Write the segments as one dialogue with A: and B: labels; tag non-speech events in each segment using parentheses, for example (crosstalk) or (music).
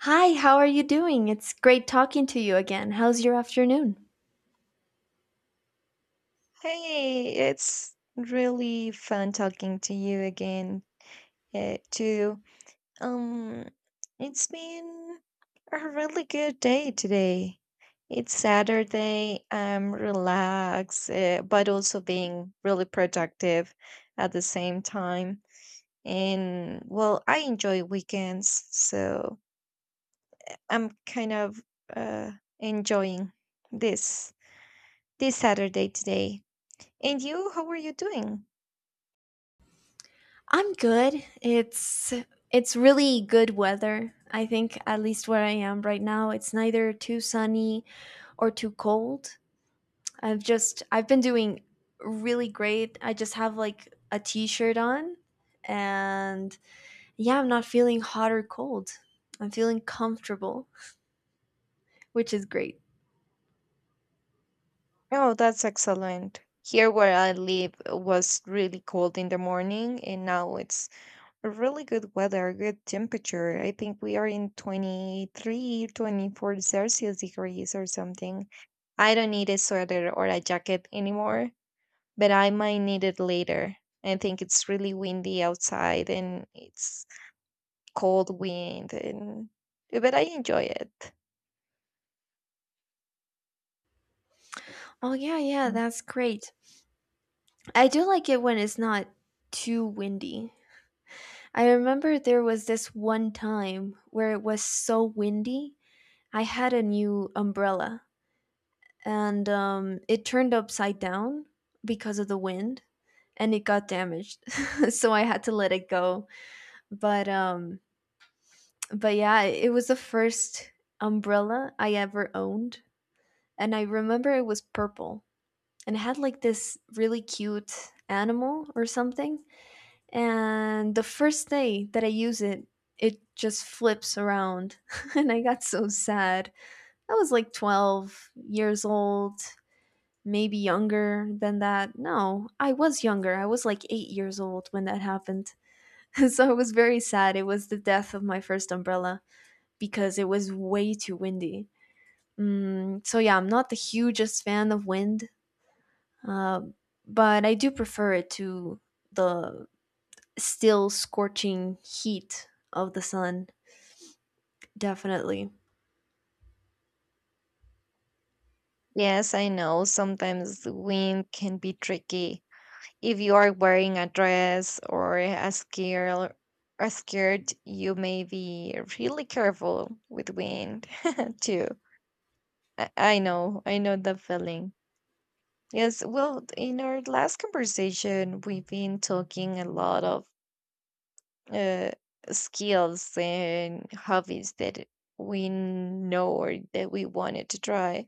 A: Hi, how are you doing? It's great talking to you again. How's your afternoon?
B: Hey, it's really fun talking to you again, too. Um, it's been a really good day today. It's Saturday. I'm relaxed, but also being really productive at the same time. And well, I enjoy weekends, so I'm kind of uh, enjoying this this Saturday today. And you, how are you doing?
A: I'm good. It's really good weather. I think at least where I am right now, it's neither too sunny or too cold. I've been doing really great. I just have like a t-shirt on and yeah, I'm not feeling hot or cold. I'm feeling comfortable, which is great.
B: Oh, that's excellent. Here where I live it was really cold in the morning and now it's a really good weather, good temperature. I think we are in 23, 24 Celsius degrees or something. I don't need a sweater or a jacket anymore, but I might need it later. I think it's really windy outside and it's cold wind and but I enjoy it.
A: Oh yeah, yeah, that's great. I do like it when it's not too windy. I remember there was this one time where it was so windy. I had a new umbrella and it turned upside down because of the wind and it got damaged. (laughs) So I had to let it go. But um, but yeah, it was the first umbrella I ever owned and I remember it was purple and it had like this really cute animal or something and the first day that I use it, it just flips around. (laughs) And I got so sad. I was like 12 years old, maybe younger than that. No, I was younger. I was like 8 years old when that happened. (laughs) So I was very sad. It was the death of my first umbrella because it was way too windy. So yeah, I'm not the hugest fan of wind, uh, but I do prefer it to the still scorching heat of the sun. Definitely.
B: Yes, I know sometimes the wind can be tricky if you are wearing a dress or a skirt, you may be really careful with wind (laughs) too. I know, I know the feeling. Yes, well, in our last conversation, we've been talking a lot of uh, skills and hobbies that we know or that we wanted to try.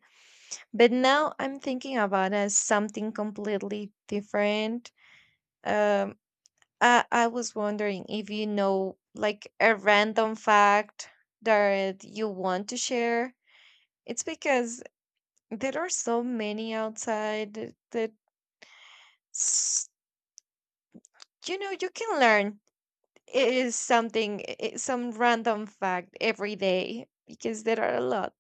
B: But now I'm thinking about something completely different. Um, I was wondering if you know like a random fact that you want to share. It's because there are so many outside that s- you know you can learn it is something some random fact every day because there are a lot.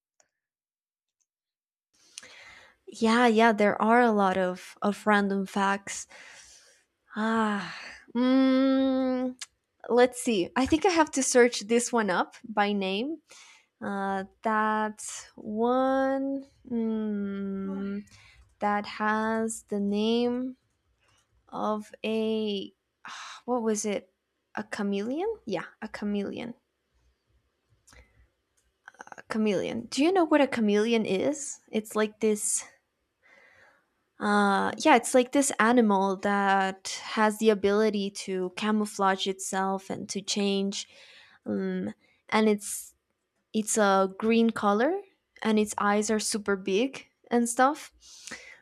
A: Yeah, yeah, there are a lot of random facts. Ah, mm, let's see. I think I have to search this one up by name. That one that has the name of a what was it? A chameleon? Yeah, a chameleon. A chameleon. Do you know what a chameleon is? It's like this Yeah, it's like this animal that has the ability to camouflage itself and to change. Um, and it's a green color, and its eyes are super big and stuff.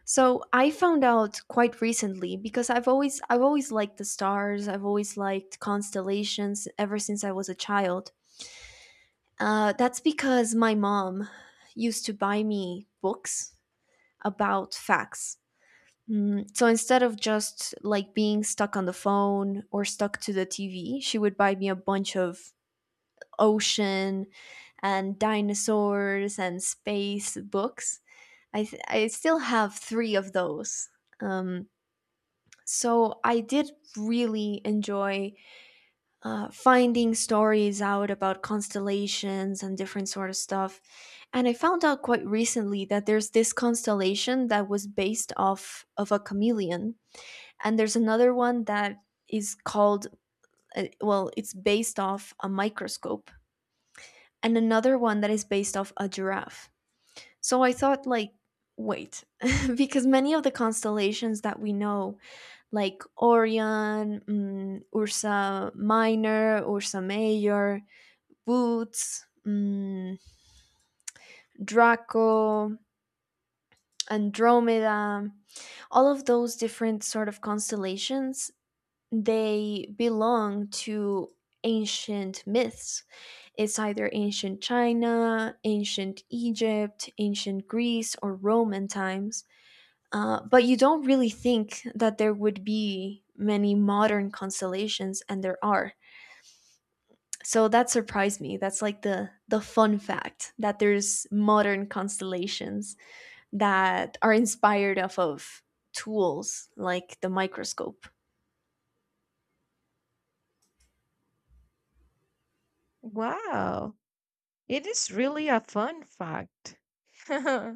A: So I found out quite recently because I've always liked the stars. I've always liked constellations ever since I was a child. That's because my mom used to buy me books about facts. So instead of just like being stuck on the phone or stuck to the TV, she would buy me a bunch of ocean and dinosaurs and space books. I still have three of those. Um, so I did really enjoy finding stories out about constellations and different sort of stuff. And I found out quite recently that there's this constellation that was based off of a chameleon and there's another one that is called well, it's based off a microscope and another one that is based off a giraffe, so I thought like wait. (laughs) Because many of the constellations that we know, like orion, ursa minor, ursa major, boots, draco, andromeda, all of those different sort of constellations, they belong to ancient myths. It's either ancient China, ancient Egypt, ancient Greece, or Roman times. But you don't really think that there would be many modern constellations, and there are. So that surprised me. That's like the fun fact, that there's modern constellations that are inspired off of tools like the microscope.
B: Wow. It is really a fun fact. (laughs) uh,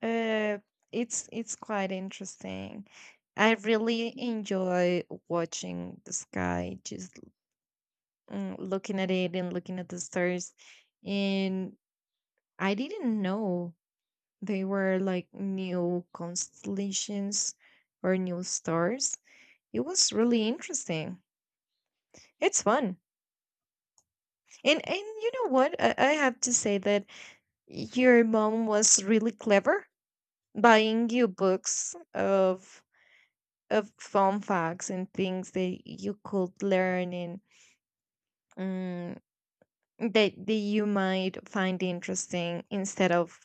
B: it's quite interesting. I really enjoy watching the sky, just looking at it and looking at the stars. And I didn't know they were like new constellations or new stars. It was really interesting. It's fun. And you know what? I have to say that your mom was really clever buying you books of fun facts and things that you could learn and um, that, that you might find interesting instead of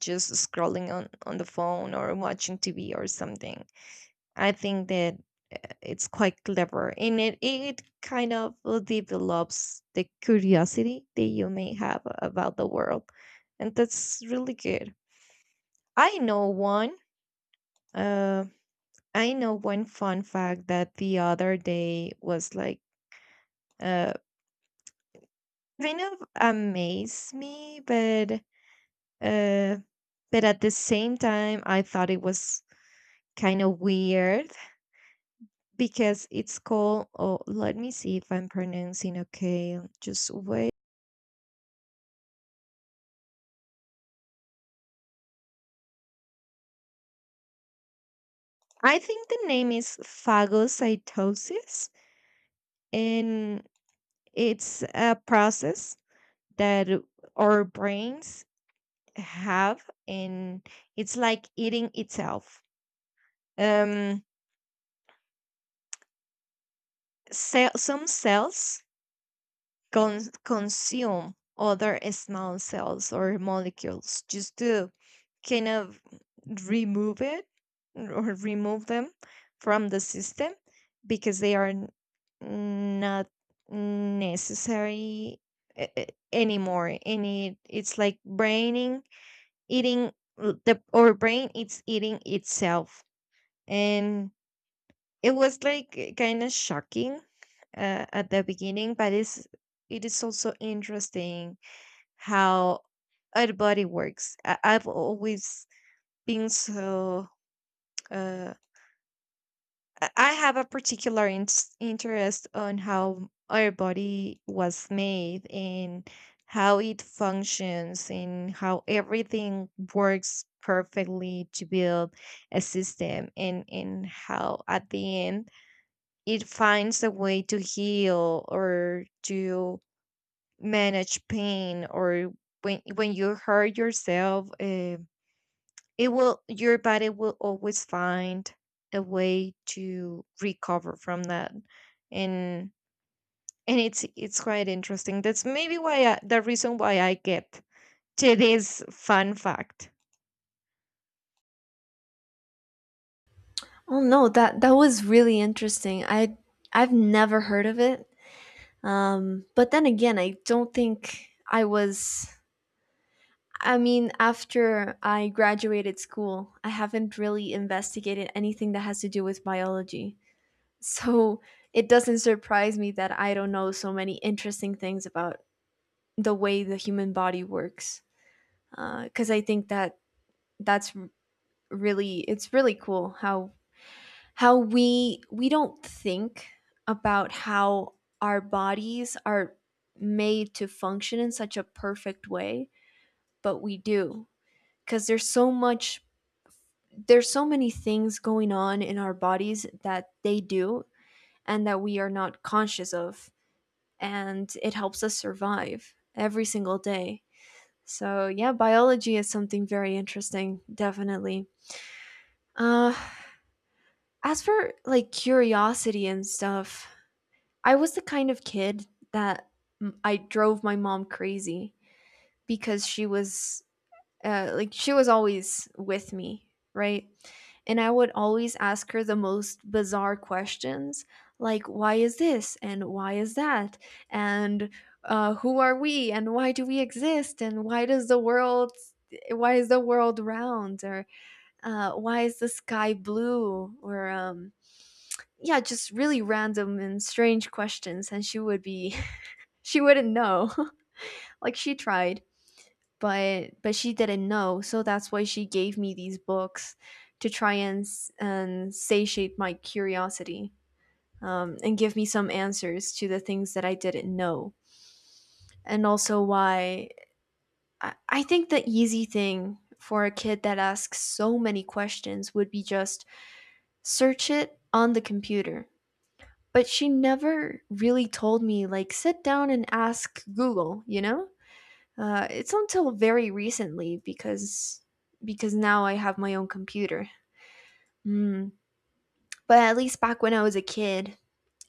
B: just scrolling on the phone or watching TV or something. I think that it's quite clever and it kind of develops the curiosity that you may have about the world. And that's really good. I know one. Um, I know one fun fact that the other day was like uh kind of amazed me, uh but at the same time I thought it was kind of weird because it's called oh let me see if I'm pronouncing okay. Just wait. I think the name is phagocytosis and it's a process that our brains have and it's like eating itself. Um, some cells consume other small cells or molecules just to kind of remove it or remove them from the system because they are not necessary anymore and it's like braining eating the or brain it's eating itself and it was like kind of shocking at the beginning, but it's it is also interesting how our body works. I've always been so. Uh, I have a particular interest on how our body was made and how it functions and how everything works perfectly to build a system and how at the end it finds a way to heal or to manage pain or when you hurt yourself it will your body will always find a way to recover from that and and it's quite interesting that's maybe why the reason why I get today's fun fact.
A: Oh no, that was really interesting. I've never heard of it. But then again, I don't think I was. I mean, after I graduated school, I haven't really investigated anything that has to do with biology. So it doesn't surprise me that I don't know so many interesting things about the way the human body works. Because I think that that's r- really, it's really cool how how we don't think about how our bodies are made to function in such a perfect way, but we do, because there's so many things going on in our bodies that they do, and that we are not conscious of, and it helps us survive every single day. So yeah, biology is something very interesting, definitely. uh as for like curiosity and stuff, I was the kind of kid that I drove my mom crazy because she was like she was always with me, right? And I would always ask her the most bizarre questions, like why is this and why is that and who are we and why do we exist and why does the world why is the world round or why is the sky blue or yeah, just really random and strange questions, and she wouldn't know. (laughs) Like she tried, but she didn't know. So that's why she gave me these books to try and and satiate my curiosity, and give me some answers to the things that I didn't know. And also why I think the easy thing for a kid that asks so many questions would be just search it on the computer. But she never really told me, like, sit down and ask Google, you know? It's until very recently because now I have my own computer. Mm. But at least back when I was a kid,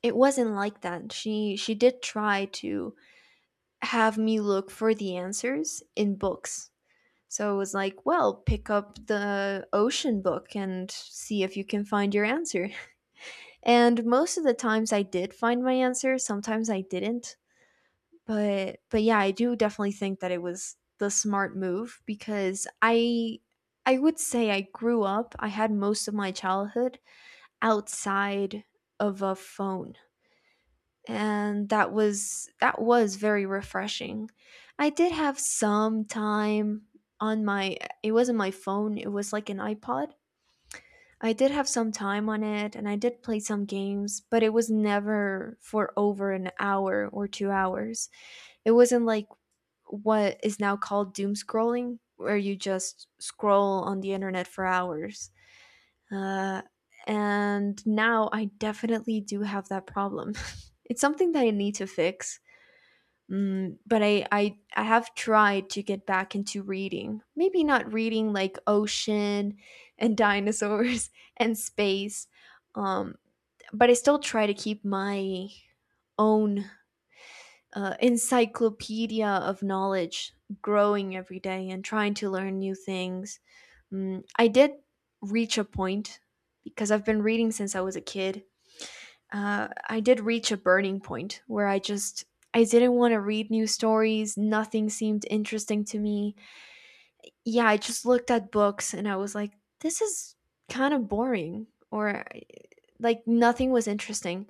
A: it wasn't like that. She did try to have me look for the answers in books. So it was like, well, pick up the ocean book and see if you can find your answer. And most of the times I did find my answer, sometimes I didn't. But yeah, I do definitely think that it was the smart move because I would say I grew up, I had most of my childhood outside of a phone. And that was very refreshing. I did have some time on my it wasn't my phone, it was like an iPod. I did have some time on it and I did play some games, but it was never for over an hour or 2 hours. It wasn't like what is now called doom scrolling, where you just scroll on the internet for hours. Uh, and now I definitely do have that problem. (laughs) It's something that I need to fix. But I have tried to get back into reading. Maybe not reading like ocean and (laughs) dinosaurs and space. Um, but I still try to keep my own encyclopedia of knowledge growing every day and trying to learn new things. I did reach a point because I've been reading since I was a kid. I did reach a burning point where I just I didn't want to read new stories. Nothing seemed interesting to me. Yeah, I just looked at books and I was like, this is kind of boring, or like nothing was interesting.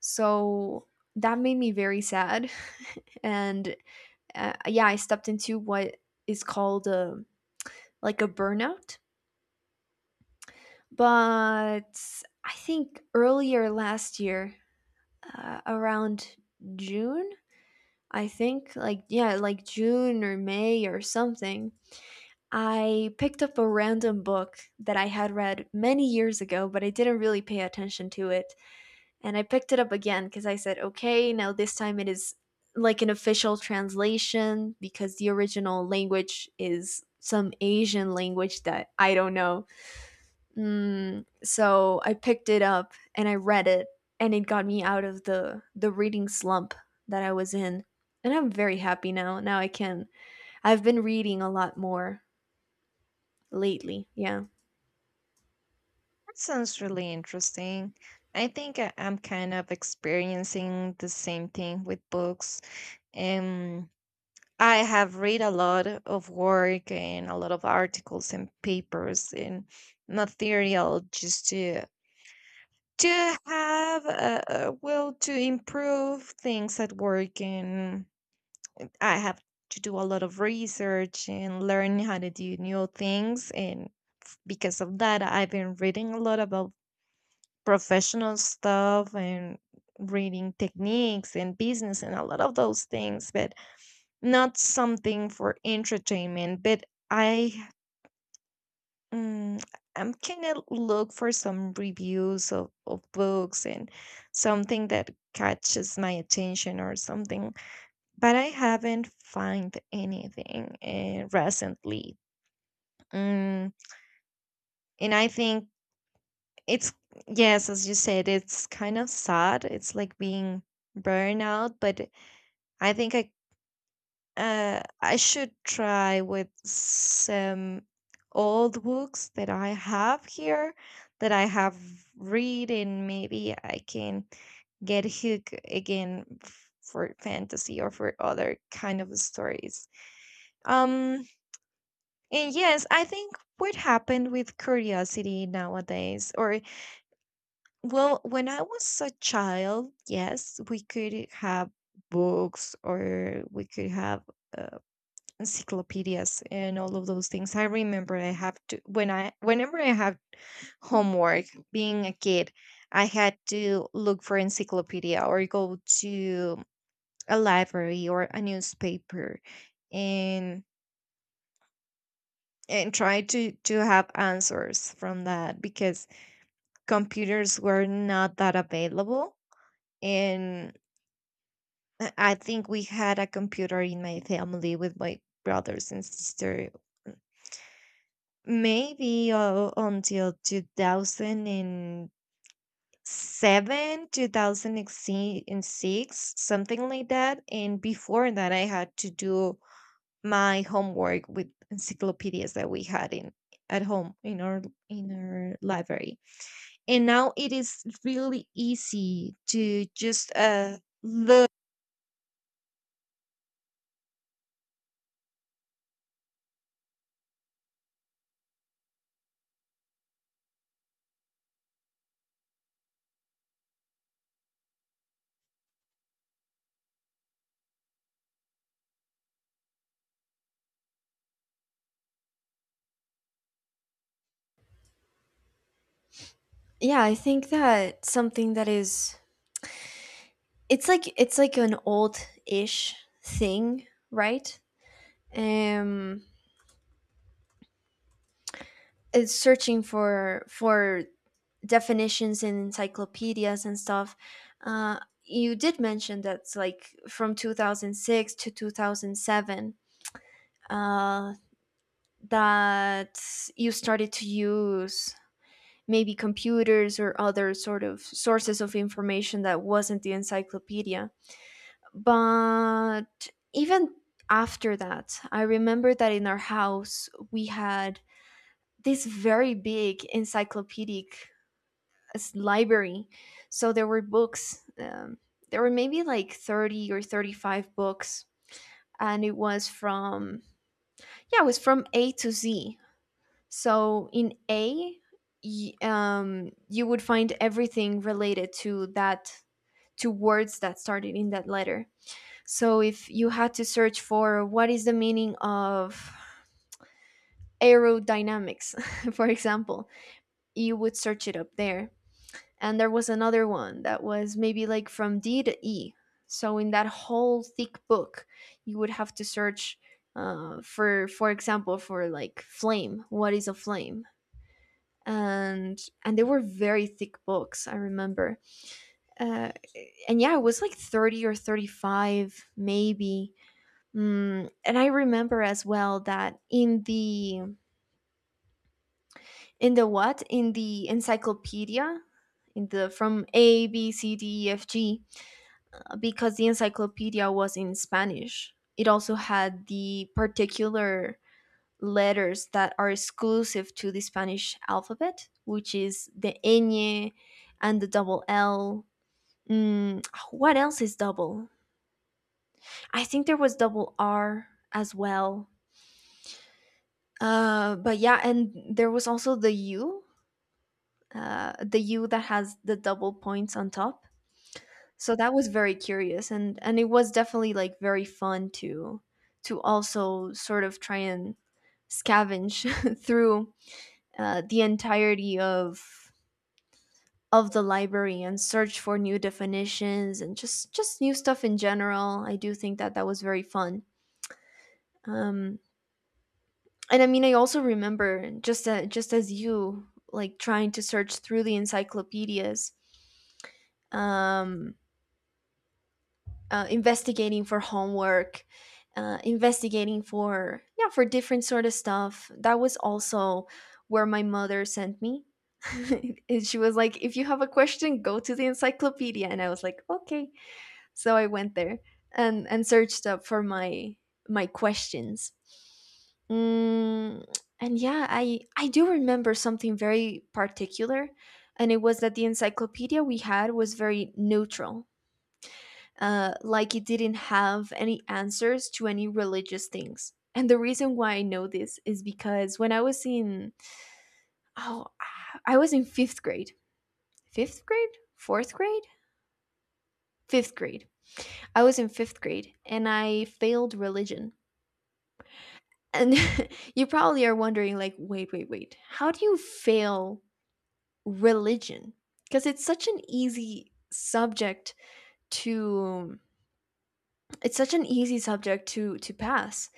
A: So that made me very sad, (laughs) and yeah, I stepped into what is called a, like a burnout. But I think earlier last year, around June, I think, like, yeah, like June or May or something, I picked up a random book that I had read many years ago, but I didn't really pay attention to it. And I picked it up again because I said, okay, now this time it is like an official translation because the original language is some Asian language that I don't know. So I picked it up and I read it, and it got me out of the reading slump that I was in, and I'm very happy now. Now I can. I've been reading a lot more lately. Yeah,
B: That sounds really interesting. I think I'm kind of experiencing the same thing with books. Um, I have read a lot of work and a lot of articles and papers and material just to have a will to improve things at work. And I have to do a lot of research and learn how to do new things. And because of that, I've been reading a lot about professional stuff and reading techniques and business and a lot of those things, but not something for entertainment. But I mm, I'm kind of look for some reviews of books and something that catches my attention or something, but I haven't find anything recently. Mm, and I think it's yes, as you said, it's kind of sad. It's like being burnout, but I think I should try with some old books that I have here that I have read, and maybe I can get hooked again for fantasy or for other kind of stories. Um, and yes, I think what happened with curiosity nowadays, or well, when I was a child, yes, we could have books or we could have uh, encyclopedias and all of those things. I remember I have to when I whenever I have homework, being a kid, I had to look for encyclopedia or go to a library or a newspaper and and try to have answers from that because computers were not that available and I think we had a computer in my family with my brothers and sister. Maybe until 2007, 2006, something like that. And before that, I had to do my homework with encyclopedias that we had in at home in our library. And now it is really easy to just look.
A: yeah. I think that something that is it's like an old-ish thing, right? Um, it's searching for definitions in encyclopedias and stuff. You did mention that's like from 2006 to 2007, uh, that you started to use maybe computers or other sort of sources of information that wasn't the encyclopedia. But even after that, I remember that in our house we had this very big encyclopedic library. So there were books. There were maybe like 30 or 35 books, and it was from yeah, it was from A to Z. So in A, you would find everything related to that, to words that started in that letter. So if you had to search for what is the meaning of aerodynamics, (laughs) for example, you would search it up there. And there was another one that was maybe like from D to E. So in that whole thick book, you would have to search for example, for like flame. What is a flame? And they were very thick books, I remember. Uh, and yeah, it was like 30 or 35, maybe. And I remember as well that in the what in the encyclopedia in the from A B C D E F G, because the encyclopedia was in Spanish. It also had the particular letters that are exclusive to the Spanish alphabet, which is the ñ and the double L. Mm, what else is double? I think there was double R as well. But yeah, and there was also the U that has the double points on top. So that was very curious, and it was definitely like very fun to also sort of try and scavenge (laughs) through the entirety of the library and search for new definitions and just new stuff in general. I do think that that was very fun. Um, and I mean, I also remember just as you like trying to search through the encyclopedias, um, investigating for homework, investigating for yeah for different sort of stuff. That was also where my mother sent me. (laughs) And she was like, "If you have a question, go to the encyclopedia." And I was like, "Okay." So I went there and searched up for my questions. Mm, and yeah, I do remember something very particular, and it was that the encyclopedia we had was very neutral, like it didn't have any answers to any religious things. And the reason why I know this is because when I was in oh, I was in fifth grade, fifth grade, fourth grade, fifth grade. I was in fifth grade, and I failed religion. And (laughs) you probably are wondering, like, wait, wait, wait, how do you fail religion? Because it's such an easy subject to it's such an easy subject to pass.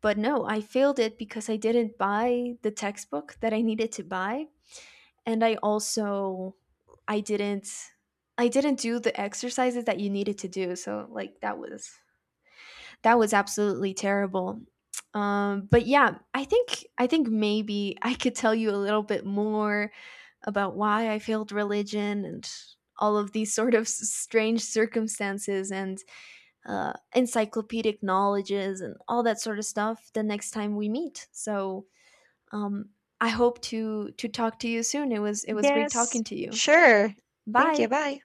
A: But no, I failed it because I didn't buy the textbook that I needed to buy, and I also i didn't I didn't do the exercises that you needed to do, so like that was absolutely terrible. But yeah, I think maybe I could tell you a little bit more about why I failed religion and all of these sort of strange circumstances and encyclopedic knowledges and all that sort of stuff the next time we meet. So um, I hope to talk to you soon. It was great talking
B: Yes,
A: to you.
B: sure. Thank you.
A: Bye.
B: Bye.